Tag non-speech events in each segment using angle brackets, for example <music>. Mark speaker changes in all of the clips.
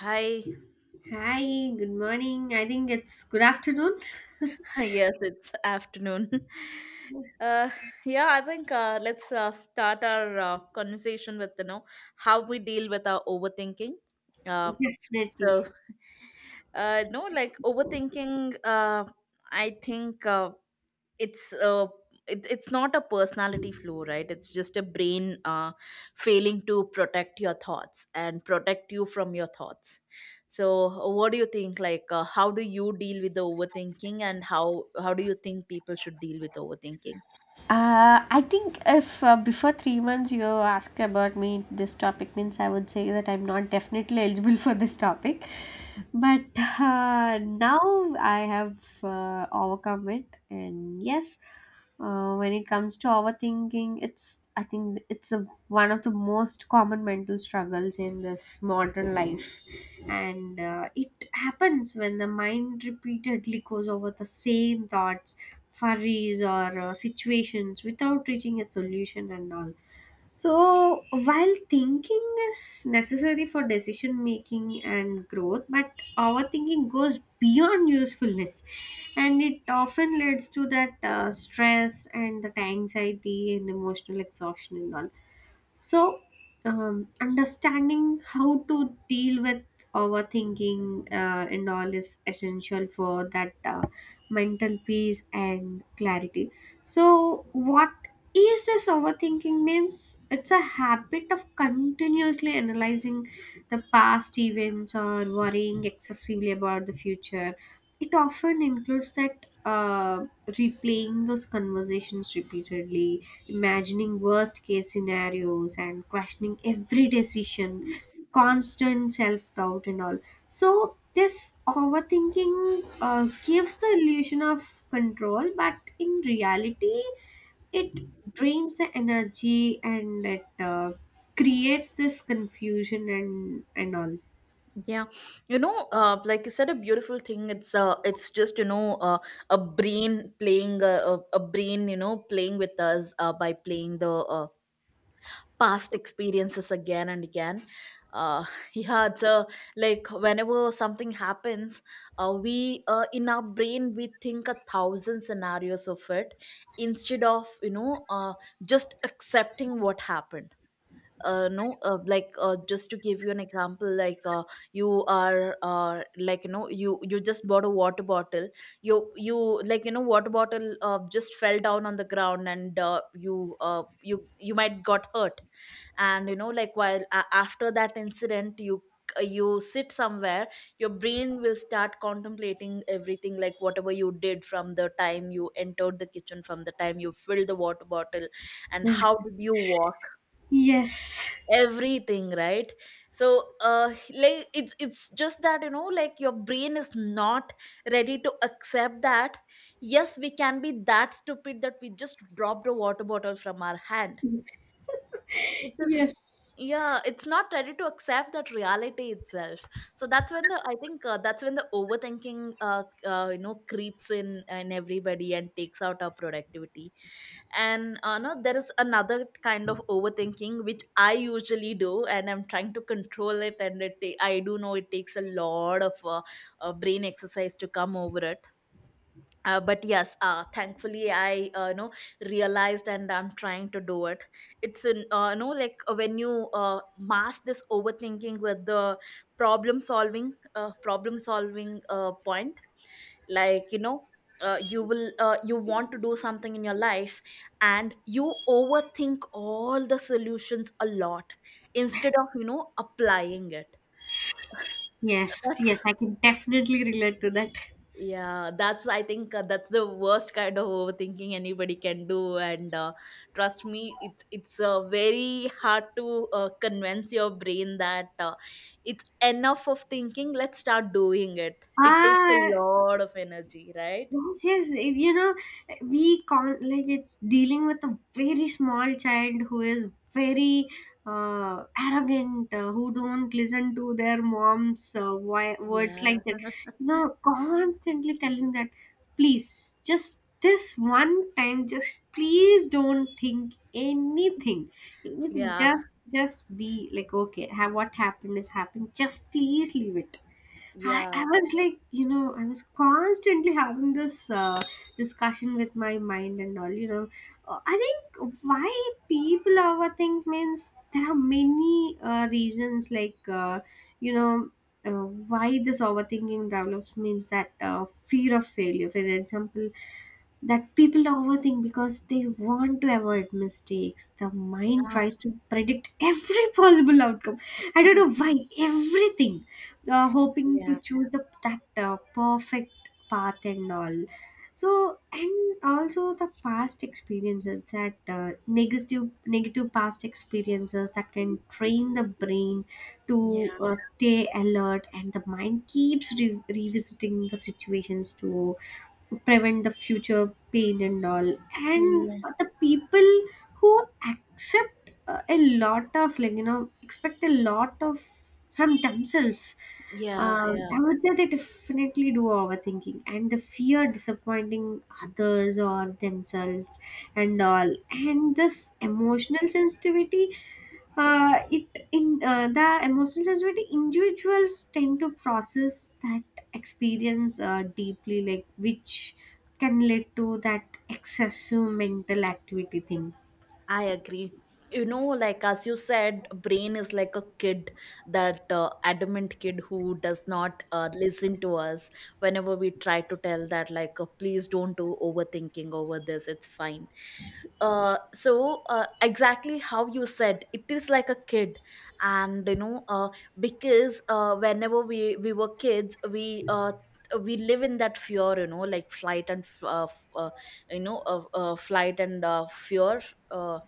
Speaker 1: Hi. <laughs>
Speaker 2: Hi, good morning. I think it's good afternoon.
Speaker 1: Yes, it's afternoon. <laughs> Uh, yeah, I think let's start our conversation with how we deal with our overthinking. Uh,
Speaker 2: <laughs> Definitely.
Speaker 1: so no, like overthinking. I think. It's it, it's not a personality flaw, right? It's just a brain failing to protect your thoughts and protect you from your thoughts. So what do you think, like how do you deal with the overthinking, and how do you think people should deal with overthinking?
Speaker 2: I think if before 3 months you ask about me this topic means I would say that I'm not definitely eligible <laughs> for this topic. But now I have overcome it, and yes, when it comes to overthinking, it's I think it's a, one of the most common mental struggles in this modern life, and it happens when the mind repeatedly goes over the same thoughts, worries or situations without reaching a solution and all. So, while thinking is necessary for decision making and growth, but overthinking goes beyond usefulness, and it often leads to that stress and that anxiety and emotional exhaustion and all. So, understanding how to deal with overthinking and all is essential for that mental peace and clarity. So, what is this overthinking means it's a habit of continuously analyzing the past events or worrying excessively about the future. It often includes that replaying those conversations repeatedly, imagining worst case scenarios and questioning every decision, constant self-doubt and all. So this overthinking gives the illusion of control but in reality it drains the energy and it creates this confusion and all.
Speaker 1: Yeah, like you said, a beautiful thing. It's it's just a brain playing a brain, playing with us by playing the uh, past experiences again and again. uh, <laughs> yeah, like whenever something happens, we in our brain we think a thousand scenarios of it instead of just accepting what happened. No like Just to give you an example, you are like you just bought a water bottle. You like water bottle just fell down on the ground, and you you you might got hurt. And like while a after that incident, you you sit somewhere, your brain will start contemplating everything, like whatever you did from the time you entered the kitchen, from the time you filled the water bottle, and
Speaker 2: Mm.
Speaker 1: how did you walk,
Speaker 2: Yes,
Speaker 1: everything, right? So like it's just that like your brain is not ready to accept that yes, we can be that stupid that we just dropped a water bottle from our hand. It is.
Speaker 2: yes
Speaker 1: Yeah, it's not ready to accept that reality itself. So that's when the I think that's when the overthinking creeps in everybody and takes out our productivity. And uh, no there is another kind of overthinking which I usually do, and I'm trying to control it, and I do know it takes a lot of brain exercise to come over it. But yes, thankfully I realized, and I'm trying to do it. It's an like when you mask this overthinking with the problem solving, problem solving point, like you will you want to do something in your life, and you overthink all the solutions a lot instead of applying it.
Speaker 2: yes,
Speaker 1: <laughs>
Speaker 2: I can definitely relate to that.
Speaker 1: Yeah, that's I think that's the worst kind of overthinking anybody can do, and trust me, it's very hard to convince your brain that it's enough of thinking. Let's start doing it. It takes
Speaker 2: Ah.
Speaker 1: a lot of energy, right?
Speaker 2: Yes, yes, you know, we can't, like it's dealing with a very small child who is very arrogant, who don't listen to their mom's words
Speaker 1: Yeah,
Speaker 2: like that. You know, constantly telling that, please, just this one time, just please don't think anything, anything.
Speaker 1: yeah,
Speaker 2: Just be like, okay, have what happened is happened. Just please leave it. I,
Speaker 1: yeah,
Speaker 2: I was like, you know, I was constantly having this discussion with my mind and all, you know. I think why people overthink means there are many reasons, like, you know, why this overthinking develops means that fear of failure. For example, that people overthink because they want to avoid mistakes. The mind
Speaker 1: yeah,
Speaker 2: tries to predict every <laughs> possible outcome. I don't know
Speaker 1: <laughs>
Speaker 2: why everything, hoping to
Speaker 1: yeah,
Speaker 2: choose the that perfect path and all. So and also the past experiences that negative past experiences that can train the brain to
Speaker 1: yeah,
Speaker 2: stay alert and the mind keeps revisiting the situations to prevent the future pain and all, and
Speaker 1: yeah,
Speaker 2: the people who accept a lot of, like, you know, expect a lot of from themselves,
Speaker 1: yeah, yeah.
Speaker 2: I would say they definitely do overthinking, and the fear disappointing others or themselves and all. And this emotional sensitivity, it in the emotional sensitivity individuals tend to process that experience deeply, like which can lead to that excessive mental activity thing.
Speaker 1: I agree. You know, like as you said, brain is like a kid, that adamant kid who does not listen to us whenever we try to tell that, like, please don't do overthinking over this, it's fine. So, exactly how you said, it is like a kid. And, you know, because whenever we were kids, we live in that fear, you know, like flight and f- f- you know, flight and fear. Uh,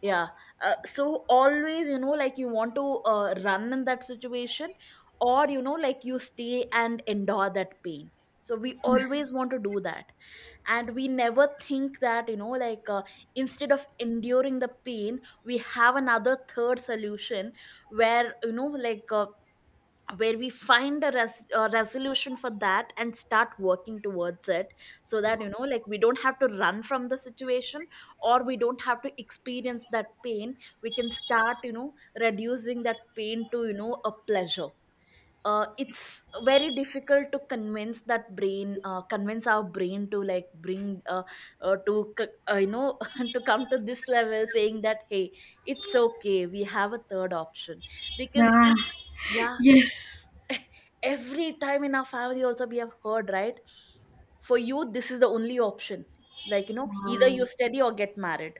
Speaker 1: yeah. So always, you know, like you want to run in that situation, or you know, like you stay and endure that pain. So we always want to do that, and we never think that you know, like instead of enduring the pain, we have another third solution where you know, like where we find a resolution for that and start working towards it, so that you know like we don't have to run from the situation, or we don't have to experience that pain. We can start you know reducing that pain to you know a pleasure. It's very difficult to convince that brain, convince our brain to like you know <laughs> to come to this level saying that, hey, it's okay, we have a third option. Because
Speaker 2: Ah,
Speaker 1: yeah,
Speaker 2: yes.
Speaker 1: every time in our family also we have heard, right? For you this is the only option, like you know, either
Speaker 2: Ah.
Speaker 1: you study or get married.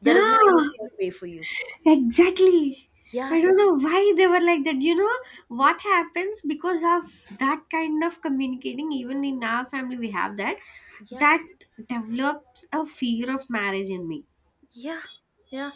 Speaker 1: There
Speaker 2: Yeah,
Speaker 1: is no any third way for you.
Speaker 2: exactly. I
Speaker 1: Yeah,
Speaker 2: don't know why they were like that, you know. What happens because of that kind of communicating, even in our family we have that,
Speaker 1: yeah.
Speaker 2: that develops a fear of marriage in me.
Speaker 1: Yeah, yeah.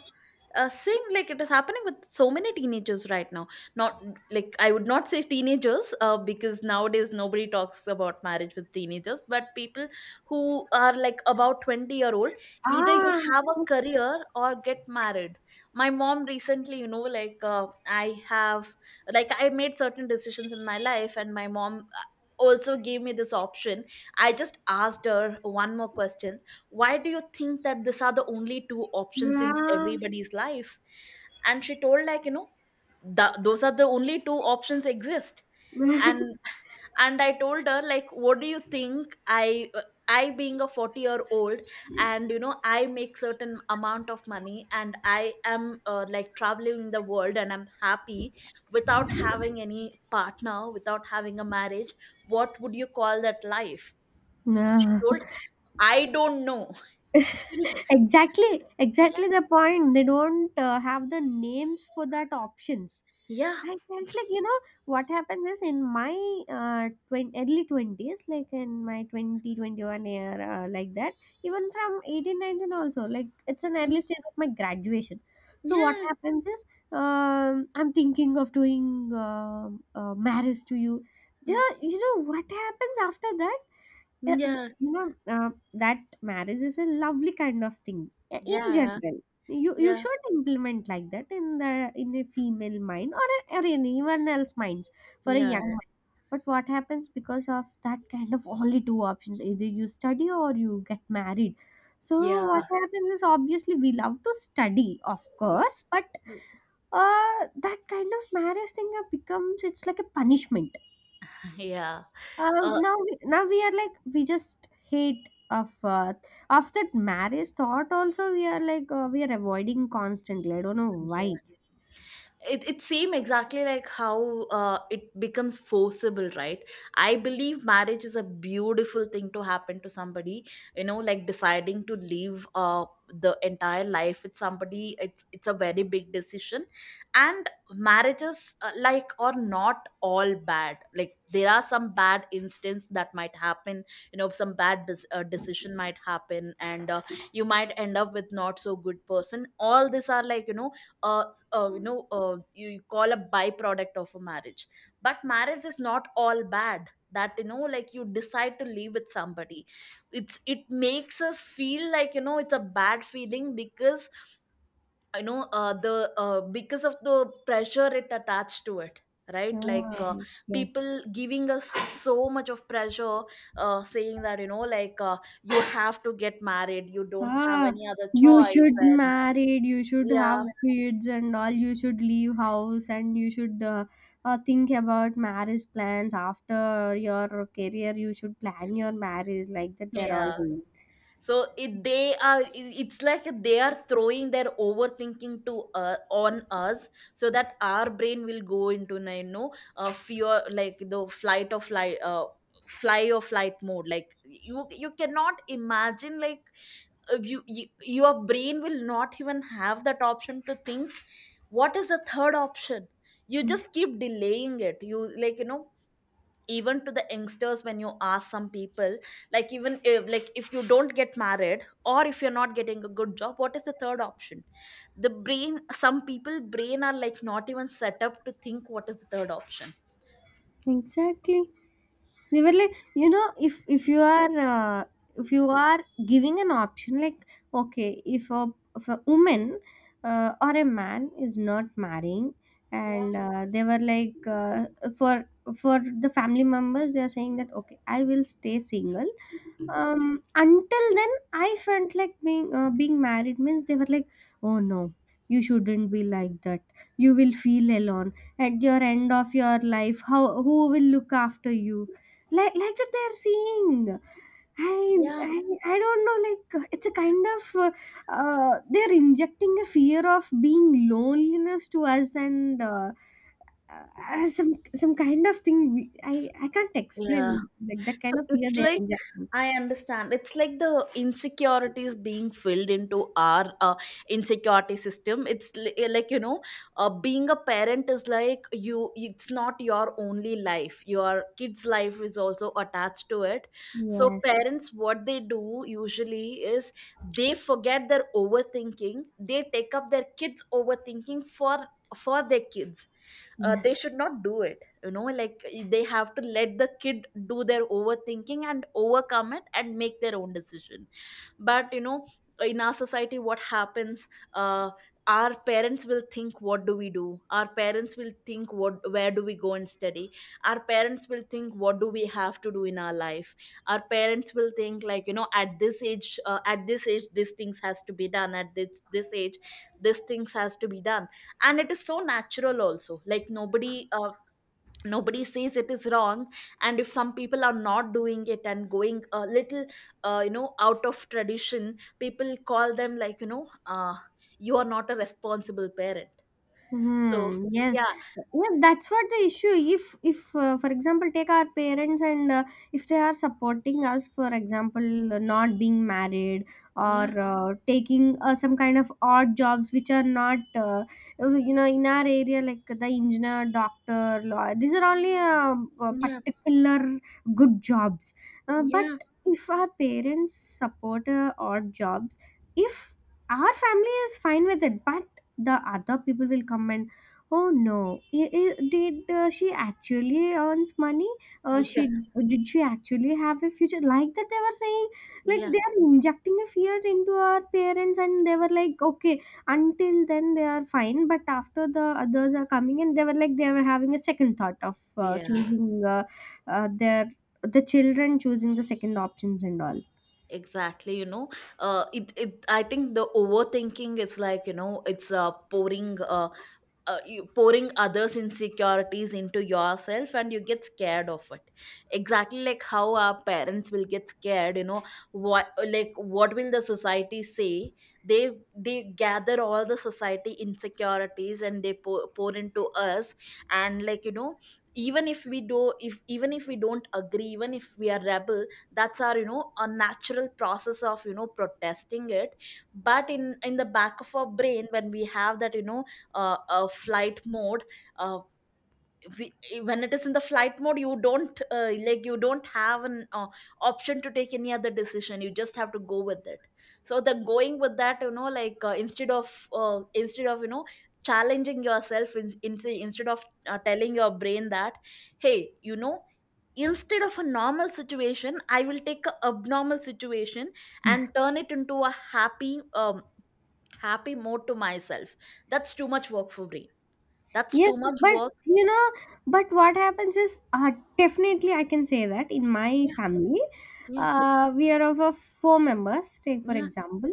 Speaker 1: Same like it is happening with so many teenagers right now. Not like I would not say teenagers, because nowadays nobody talks about marriage with teenagers. But people who are like about 20-year-old old, either you
Speaker 2: Ah,
Speaker 1: have a career or get married. My mom recently, you know, like I have, like I made certain decisions in my life, and my mom also gave me this option. I just asked her one more question, why do you think that these are the only two options in
Speaker 2: yeah.
Speaker 1: everybody's life? And she told, like you know, those are the only two options exist. and
Speaker 2: <laughs>
Speaker 1: and I told her, like, what do you think? I being a 40-year old, and you know I make certain amount of money, and I am like traveling in the world, and I'm happy without having any partner, without having a marriage, what would you call that life? She
Speaker 2: Nah.
Speaker 1: told, I don't know.
Speaker 2: <laughs>
Speaker 1: <laughs>
Speaker 2: Exactly,
Speaker 1: Yeah.
Speaker 2: exactly the point. They don't have the names for that options.
Speaker 1: Yeah.
Speaker 2: I felt like, you know, what happens is in my early twenties, like in my 2021 year, like that. Even from 18 19, also, like it's an
Speaker 1: Mm,
Speaker 2: early stage of my graduation. So what
Speaker 1: yeah.
Speaker 2: happens is, I'm thinking of doing marriage to you.
Speaker 1: Mm,
Speaker 2: Yeah, you know what happens after that. Yes,
Speaker 1: yeah.
Speaker 2: you know, that marriage is a lovely kind of thing in
Speaker 1: Yeah.
Speaker 2: general. You
Speaker 1: Yeah.
Speaker 2: should implement like that in the in a female mind or in anyone else minds for a
Speaker 1: Yeah.
Speaker 2: young mind. But what happens because of that kind of only two options, either you study or you get married. So what
Speaker 1: Yeah.
Speaker 2: happens is obviously we love to study, of
Speaker 1: Yeah. <laughs>
Speaker 2: course, but uh, that kind of marriage thing becomes it's like a punishment.
Speaker 1: Yeah. Uh,
Speaker 2: Now, now we are like we just hate of that marriage thought. Also, we are like, we are avoiding constantly. I don't know why.
Speaker 1: yeah. It seems exactly like how it becomes forceable, right? I believe marriage is a beautiful thing to happen to somebody. You know, like deciding to live the entire life with somebody, it's a very big decision. And marriages like are not all bad, like there are some bad instance that might happen, you know, some bad decision might happen, and you might end up with not so good person. All these are like you know uh, you, you call a byproduct of a marriage. But marriage is not all bad, that you know like you decide to live with somebody. It's it makes us feel like you know it's a bad feeling because you know the because of the pressure it attached to it, right? Like
Speaker 2: Ah, yes.
Speaker 1: people giving us so much of pressure, saying that you know like you have to get married, you don't have
Speaker 2: Ah,
Speaker 1: any other
Speaker 2: you
Speaker 1: choice.
Speaker 2: should
Speaker 1: And
Speaker 2: married. You should have
Speaker 1: yeah,
Speaker 2: kids and all. You should leave house and you should think about marriage plans after your career. You should plan your marriage like that. They're all
Speaker 1: yeah,
Speaker 2: saying.
Speaker 1: so it, they are it's like they are throwing their overthinking to on us, so that our brain will go into you know fear, like the flight or flight fly or flight mode. Like you cannot imagine like you, you your brain will not even have that option to think what is the third option. You just keep delaying it, you like you know, even to the youngsters when you ask some people, like even if like if you don't get married, or if you're not getting a good job, what is the third option? The brain, some people brain are like not even set up to think what is the third option.
Speaker 2: Exactly. They were like, you know, if you are if you are giving an option like, okay, if a woman or a man is not marrying,
Speaker 1: Yeah.
Speaker 2: And they were like, for for the family members, they are saying that, okay, I will stay single, until then I felt like being being married means they were like, oh no, you shouldn't be like that. You will feel alone at your end of your life. How, who will look after you, like that they are seeing. I,
Speaker 1: Yeah,
Speaker 2: I I don't know, like it's a kind of they're injecting a fear of being loneliness to us, and some kind of thing we, I can't explain,
Speaker 1: yeah.
Speaker 2: like that
Speaker 1: So
Speaker 2: kind of fear
Speaker 1: it's
Speaker 2: they're
Speaker 1: like,
Speaker 2: injecting.
Speaker 1: I understand. It's like the insecurities being filled into our insecurity system. It's li- like you know, being a parent is like you. It's not your only life. Your kid's life is also attached to it. So
Speaker 2: Yes.
Speaker 1: parents, what they do usually is they forget their overthinking. They take up their kids' overthinking for their kids. They should not do it, you know like they have to let the kid do their overthinking and overcome it and make their own decision. But you know, in our society what happens, uh our parents will think what do we do, our parents will think what where do we go and study, our parents will think what do we have to do in our life, our parents will think like you know at this age these things has to be done, at this this age these things has to be done. And it is so natural also, like nobody nobody says it is wrong. And if some people are not doing it and going a little you know out of tradition, people call them like you know you are not a responsible parent. So
Speaker 2: Hmm. Yes.
Speaker 1: yeah.
Speaker 2: Yeah. That's what the issue. If, for example, take our parents and if they are supporting us, for example, not being married
Speaker 1: Yeah.
Speaker 2: or taking some kind of odd jobs which are not, you know, in our area, like the engineer, doctor, lawyer. These are only
Speaker 1: Yeah,
Speaker 2: particular good jobs. But
Speaker 1: yeah,
Speaker 2: if our parents support odd jobs, if our family is fine with it, but the other people will come and, oh no, did she actually earns money,
Speaker 1: <laughs>
Speaker 2: she
Speaker 1: yeah,
Speaker 2: did she actually have a future, like that they were saying. Like
Speaker 1: yeah,
Speaker 2: they are injecting a fear into our parents and they were like, okay, until then they are fine, but after the others are coming and they were like they were having a second thought of
Speaker 1: yeah,
Speaker 2: choosing their the children choosing the second options and all.
Speaker 1: exactly. You know, it, it I think the overthinking is like, you know, it's pouring you pouring others' insecurities into yourself and you get scared of it. Exactly like how our parents will get scared, you know, what, like what will the society say. They gather all the society insecurities and they pour into us. And like, you know, even if we do, if even if we don't agree, even if we are rebel, that's our, you know, a natural process of, you know, protesting it. But in the back of our brain, when we have that, you know, flight mode, uh, we, when it is in the flight mode, you don't like, you don't have an option to take any other decision, you just have to go with it. So the going with that, you know, like instead of, you know, challenging yourself, instead of telling your brain that, hey, you know, instead of a normal situation, I will take a abnormal situation and turn it into a happy happy mode to myself. That's too much work for me. That's
Speaker 2: Yes,
Speaker 1: too much
Speaker 2: but
Speaker 1: work.
Speaker 2: you know, but what happens is, definitely I can say that in my
Speaker 1: Yeah,
Speaker 2: family,
Speaker 1: yeah,
Speaker 2: we are of a four members. Take for
Speaker 1: yeah,
Speaker 2: example,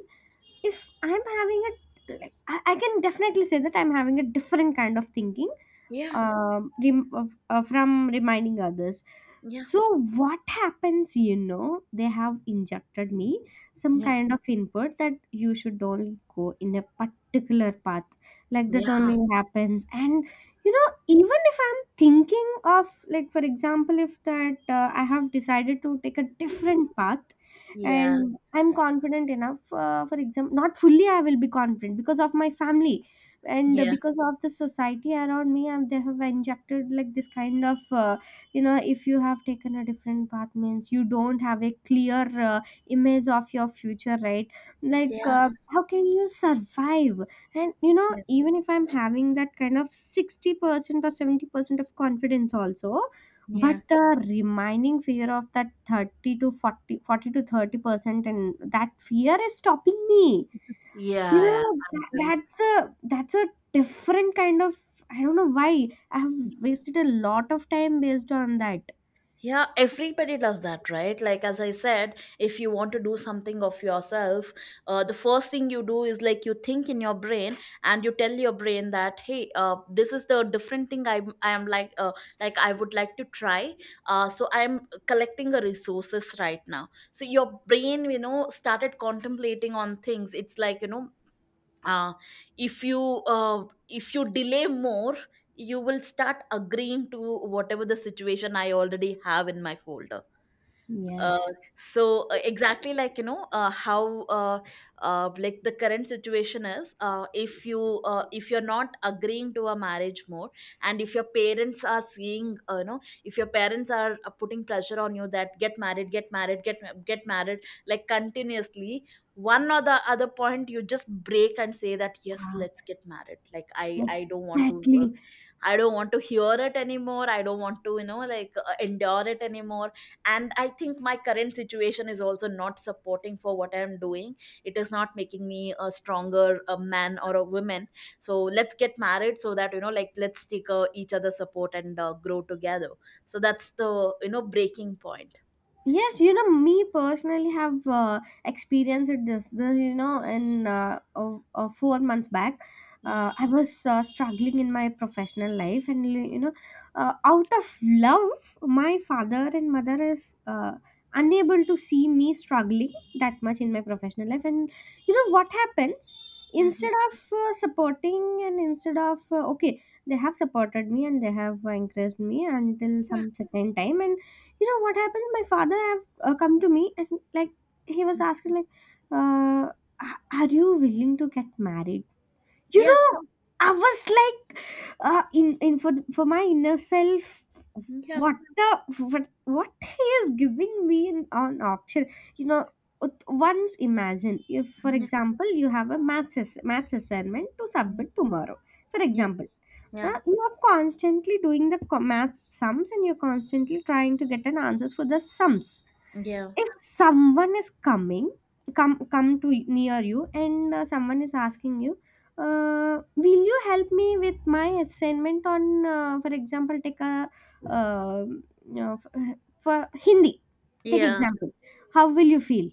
Speaker 2: if I'm having a like, I can definitely say that I'm having a different kind of thinking, from reminding others.
Speaker 1: yeah,
Speaker 2: So what happens, you know, they have injected me some
Speaker 1: yeah,
Speaker 2: kind of input that you should only go in a particular path, like that
Speaker 1: yeah,
Speaker 2: only happens. And you know, even if I'm thinking of, like, for example, if that I have decided to take a different path
Speaker 1: yeah,
Speaker 2: and I'm confident enough, for example, not fully, I will be confident because of my family and
Speaker 1: yeah, yeah,
Speaker 2: because of the society around me, and they have injected like this kind of you know, if you have taken a different path means you don't have a clear image of your future, right? Like
Speaker 1: yeah,
Speaker 2: how can you survive? And you know,
Speaker 1: yeah,
Speaker 2: even if I'm having that kind of 60% or 70% of confidence also,
Speaker 1: yeah,
Speaker 2: but the remaining fear of that 30 to 40, 40 to 30%, and that fear is stopping me. You
Speaker 1: yeah.
Speaker 2: know,
Speaker 1: I
Speaker 2: that,
Speaker 1: agree.
Speaker 2: that's a different kind of. I don't know why I have wasted a lot of time based on that.
Speaker 1: Yeah, everybody does that, right? Like, as I said, if you want to do something of yourself, the first thing you do is like you think in your brain and you tell your brain that, hey, this is the different thing I am like I would like to try. So I'm collecting the resources right now. So your brain, you know, started contemplating on things. It's like, you know, uh, if you uh, if you delay more, you will start agreeing to whatever the situation I already have in my folder. uh,
Speaker 2: Yes.
Speaker 1: exactly like, you know, how like the current situation is, if you, if you're not agreeing to a marriage more, and if your parents are seeing, you know, if your parents are putting pressure on you that get married, get married, get married, like continuously, one or the other point you just break and say that yes,
Speaker 2: Ah.
Speaker 1: let's get married. Like I don't want to,
Speaker 2: Exactly.
Speaker 1: I don't want to hear it anymore. I don't want to, you know, like, endure it anymore. And I think my current situation is also not supporting for what I'm doing. It is not making me a stronger a man or a woman. So let's get married so that, you know, like let's take each other support and grow together. So that's the, you know, breaking point.
Speaker 2: Yes, you know, me personally have experienced this, you know, in 4 months back.
Speaker 1: Yeah.
Speaker 2: I was struggling in my professional life, and you know, out of love, my father and mother is unable to see me struggling that much in my professional life. And you know what happens?
Speaker 1: Mhm.
Speaker 2: Instead of supporting, and instead of okay, they have supported me and they have encouraged me until
Speaker 1: Yeah.
Speaker 2: some certain time, and you know what happens, my father have come to me and, like, he was asking like, uh, "A- are you willing to get married?" You
Speaker 1: Yeah.
Speaker 2: know, I was like, in for my inner self,
Speaker 1: Yeah.
Speaker 2: what the what, what he is giving me an option, you know. Once imagine if for
Speaker 1: Yeah.
Speaker 2: example you have a maths maths assignment to submit tomorrow, for
Speaker 1: Yeah.
Speaker 2: example,
Speaker 1: Yeah.
Speaker 2: you are constantly doing the math sums and you're constantly trying to get an answers for the sums.
Speaker 1: Yeah.
Speaker 2: If someone is coming, come to near you and someone is asking you, will you help me with my assignment on, for example, take a, uh, you know, for Hindi, take
Speaker 1: Yeah.
Speaker 2: example. How will you feel?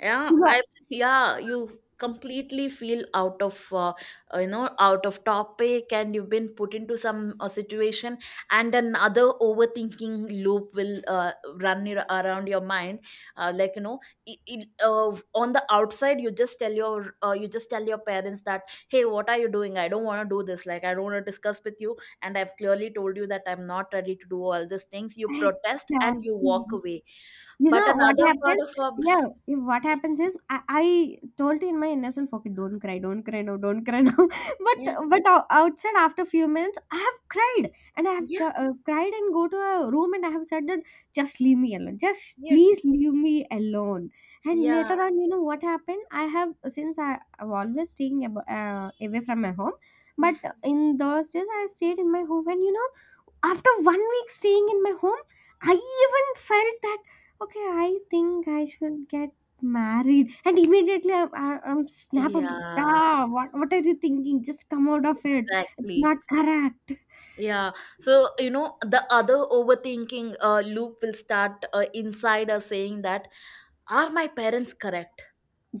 Speaker 1: yeah
Speaker 2: You know,
Speaker 1: i yeah, you completely feel out of, you know, out of topic, and you've been put into some situation, and another overthinking loop will around your mind. Like, you know, on the outside you just tell your, you just tell your parents that hey, what are you doing, I don't want to do this, like I don't want to discuss with you, and I've clearly told you that I'm not ready to do all these things. You protest and you walk
Speaker 2: exactly.
Speaker 1: away.
Speaker 2: You
Speaker 1: But
Speaker 2: know what
Speaker 1: another part
Speaker 2: happens?
Speaker 1: of our
Speaker 2: Yeah, if what
Speaker 1: brain.
Speaker 2: happens is I told in my innocent, okay, don't cry now, don't cry now. <laughs> But outside after few minutes, I have cried and I have
Speaker 1: Yeah,
Speaker 2: cr- uh, cried and go to a room and I have said that just leave me alone, just
Speaker 1: yeah.
Speaker 2: please leave me alone. And
Speaker 1: Yeah.
Speaker 2: later on, you know what happened? I have since I am always staying away from my home, but
Speaker 1: Yeah.
Speaker 2: in those days I stayed in my home and you know after 1 week staying in my home I even felt that okay I think I should get married. And immediately I am snap of the-
Speaker 1: Yeah,
Speaker 2: ah what, what are you thinking, just come out of it, it's
Speaker 1: exactly.
Speaker 2: not correct.
Speaker 1: Yeah. So, you know, the other overthinking loop will start inside us saying that, are my parents correct?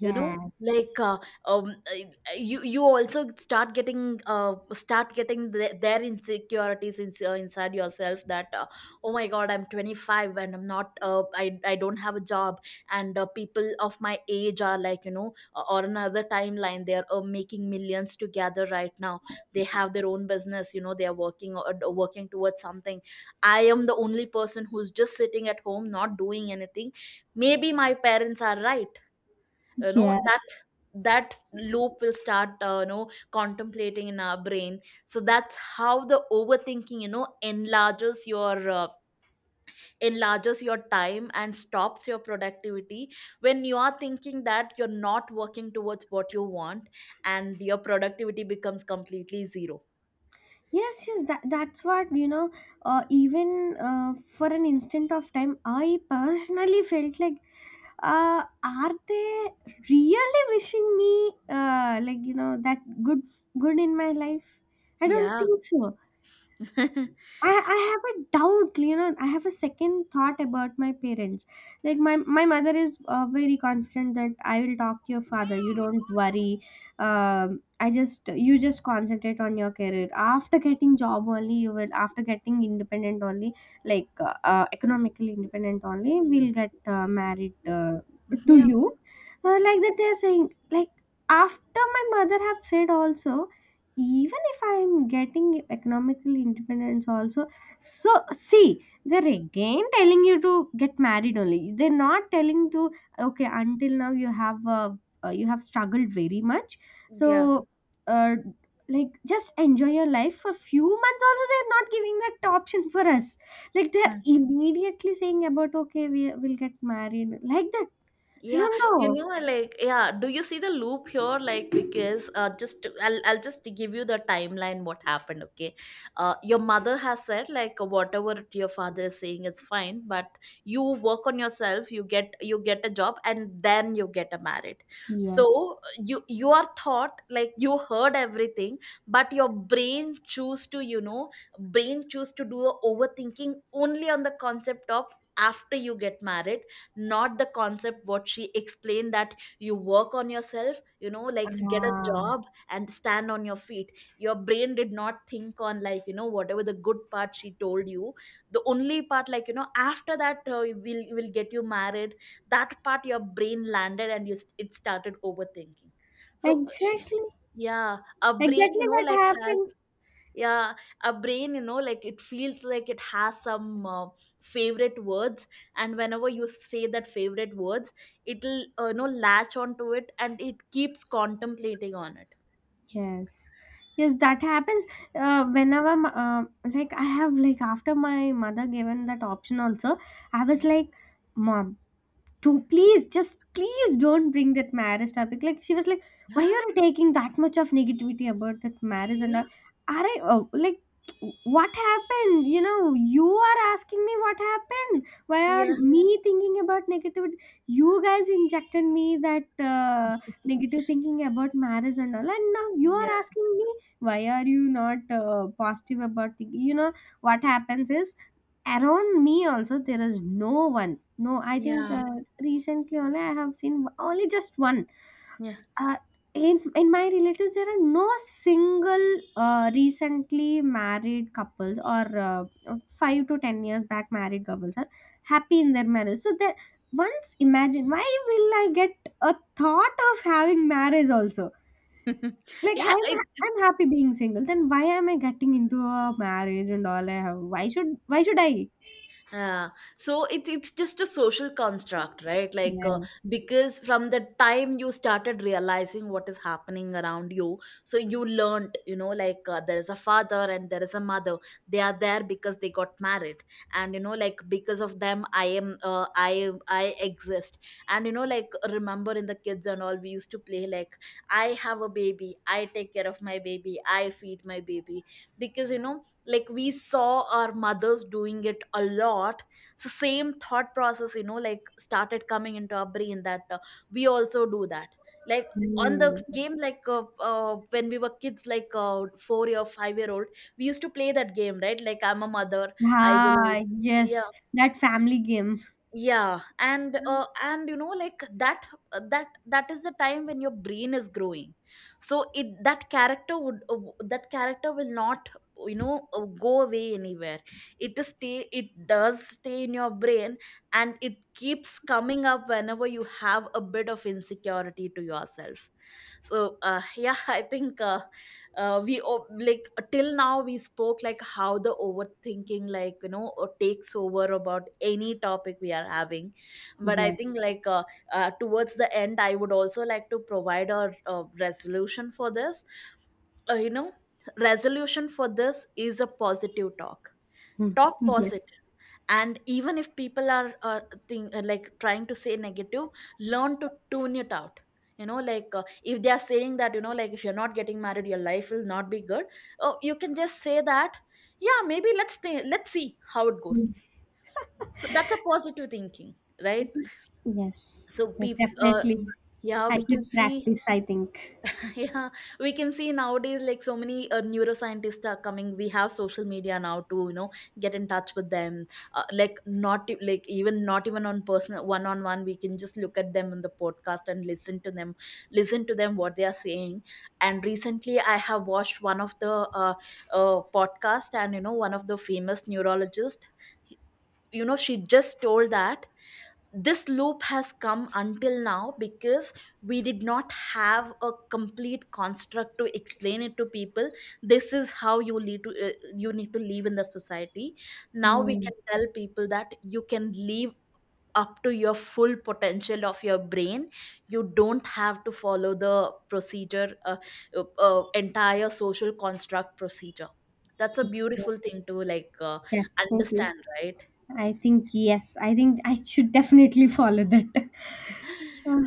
Speaker 1: You know, like, um I- you, you also start getting their insecurities in, inside yourself that, oh my god, I'm 25 and I'm not, I don't have a job, and, people of my age are, like, you know, or another timeline, they're making millions together right now. They have their own business, you know, they're working, or working towards something. I am the only person who's just sitting at home not doing anything. Maybe my parents are right. You know, that,
Speaker 2: yes
Speaker 1: that loop will start, you know, contemplating in our brain. So that's how the overthinking, you know, enlarges your, enlarges your time and stops your productivity. When you are thinking that you're not working towards what you want, and your productivity becomes completely zero.
Speaker 2: yes yes that's what, you know, even for an instant of time, I personally <laughs> felt like, are they really wishing me, like, you know, that good good in my life? I don't
Speaker 1: Yeah.
Speaker 2: think so. I have a doubt, you know. I have a second thought about my parents. Like, my mother is very confident that, "I will talk to your father. You don't worry. I just you just concentrate on your career. After getting job only, you will. After getting independent only, like economically independent only, we'll get married
Speaker 1: <laughs>
Speaker 2: to
Speaker 1: Yeah,
Speaker 2: you." Like that, they are saying. Like after my mother have said also, even if I'm getting economical independence also. So see, they're again telling you to get married only, they're not telling to okay until now you have struggled very much,
Speaker 1: yeah.
Speaker 2: so uh, like just enjoy your life for few months also, they're not giving that option for us. Like they're immediately saying about okay we will get married like that. I
Speaker 1: Yeah,
Speaker 2: don't
Speaker 1: you
Speaker 2: know.
Speaker 1: know, like, yeah, do you see the loop here? Like, because, just I'll just give you the timeline what happened, okay? Your mother has said, like, whatever your father is saying is fine, but you work on yourself, you get a job, and then you get a married.
Speaker 2: Yes.
Speaker 1: So you are thought like you heard everything, but your brain choose to, you know, brain choose to do a overthinking only on the concept of after you get married, not the concept what she explained, that you work on yourself, you know, like get a
Speaker 2: Ah.
Speaker 1: job and stand on your feet. Your brain did not think on, like, you know, whatever the good part she told you. The only part, like, you know, after that, we'll will get you married, that part your brain landed and you, it started overthinking. So
Speaker 2: Exactly.
Speaker 1: yeah, our brain, you
Speaker 2: Exactly
Speaker 1: know,
Speaker 2: what
Speaker 1: like has.
Speaker 2: happens.
Speaker 1: Yeah. A brain, you know, like it feels like it has some, favorite words, and whenever you say that favorite words, it'll, you know, latch onto it, and it keeps contemplating on it.
Speaker 2: Yes, yes, that happens. Whenever, like, I have, like after my mother given that option also, I was
Speaker 1: Yeah.
Speaker 2: like, "Mom, to please just please don't bring that marriage topic." Like she was like, "Why are
Speaker 1: Yeah.
Speaker 2: you taking that much of negativity about that marriage and all?" Are I oh, like what happened? You know, you are asking me what happened, why are
Speaker 1: Yeah.
Speaker 2: me thinking about negativity? You guys injected me that negative thinking about marriage and all and now you are
Speaker 1: Yeah.
Speaker 2: asking me why are you not positive about thinking, you know. What happens is around me also there is no one. No, I think
Speaker 1: Yeah.
Speaker 2: recently only I have seen only just one.
Speaker 1: Yeah.
Speaker 2: Uh, in my relatives, there are no single recently married couples or 5 to 10 years back married couples are happy in their marriage. So that once imagine why will I get a thought of having marriage also?
Speaker 1: <laughs>
Speaker 2: Like
Speaker 1: yeah, it,
Speaker 2: I'm happy being single. Then why am I getting into a marriage and all I have? Why should I?
Speaker 1: Yeah. So it's just a social construct, right? Like,
Speaker 2: Yes.
Speaker 1: because from the time you started realizing what is happening around you, so you learned, you know, like, there is a father and there is a mother. They are there because they got married, and you know, like because of them, I exist. And you know, like remember in the kids and all, we used to play like, I have a baby, I take care of my baby, I feed my baby, because, you know, like we saw our mothers doing it a lot. So same thought process, you know, like started coming into our brain that, we also do that. Like on the
Speaker 2: Hmm.
Speaker 1: game, like, when we were kids, like, 4 year 5-year old, we used to play that game, right? Like, I'm a mother, I will.
Speaker 2: Ah, yes,
Speaker 1: Yeah.
Speaker 2: that family game.
Speaker 1: Yeah. And, and you know, like that, that is the time when your brain is growing, so it, that character would, that character will not, you know, go away anywhere. It does stay in your brain, and it keeps coming up whenever you have a bit of insecurity to yourself. So, <laughs> yeah, I think, like till now we spoke like how the overthinking, like, you know, takes over about any topic we are having. But I
Speaker 2: Yes.
Speaker 1: think, like, towards the end I would also like to provide a resolution for this, you know, resolution for this is a positive talk.
Speaker 2: Hmm.
Speaker 1: Talk
Speaker 2: Yes,
Speaker 1: positive. And even if people are, like trying to say negative, learn to tune it out. You know, like, if they are saying that, you know, like if you're not getting married your life will not be good, oh, you can just say that, yeah, maybe let's see how it goes. So that's a positive thinking, right?
Speaker 2: yes.
Speaker 1: So
Speaker 2: Yes,
Speaker 1: people,
Speaker 2: definitely. Definitely.
Speaker 1: yeah,
Speaker 2: I
Speaker 1: we can
Speaker 2: should
Speaker 1: see.
Speaker 2: practice, I think.
Speaker 1: Yeah, we can see nowadays like so many neuroscientists are coming. We have social media now to, you know, get in touch with them. Like not e- like even not even on personal one on one, we can just look at them in the podcast and listen to them what they are saying. And recently, I have watched one of the, podcast, and you know one of the famous neurologist. You know, she just told that this loop has come until now because we did not have a complete construct to explain it to people. This is how you lead to, you need to live in the society. Now we can
Speaker 2: Hmm,
Speaker 1: tell people that you can live up to your full potential of your brain. You don't have to follow the procedure, entire social construct procedure. That's a beautiful thing to like,
Speaker 2: definitely.
Speaker 1: understand, right?
Speaker 2: I think, yes, I think I should definitely follow that. <laughs>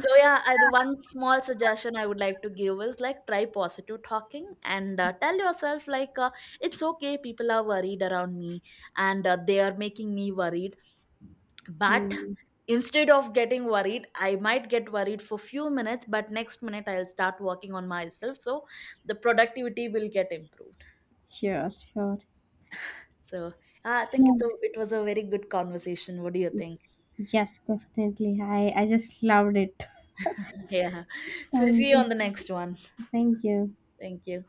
Speaker 1: So yeah, the one small suggestion I would like to give is, like try positive talking, and tell yourself like, it's okay, people are worried around me, and they are making me worried, but
Speaker 2: Hmm.
Speaker 1: instead of getting worried, I might get worried for few minutes, but next minute I'll start working on myself, so the productivity will get improved.
Speaker 2: Sure, sure.
Speaker 1: So I think
Speaker 2: Sure.
Speaker 1: it was a very good conversation. What do you think?
Speaker 2: Yes, definitely. I just loved it.
Speaker 1: <laughs> Yeah. So see
Speaker 2: Thank
Speaker 1: you
Speaker 2: you.
Speaker 1: on the next one.
Speaker 2: Thank you.
Speaker 1: Thank you.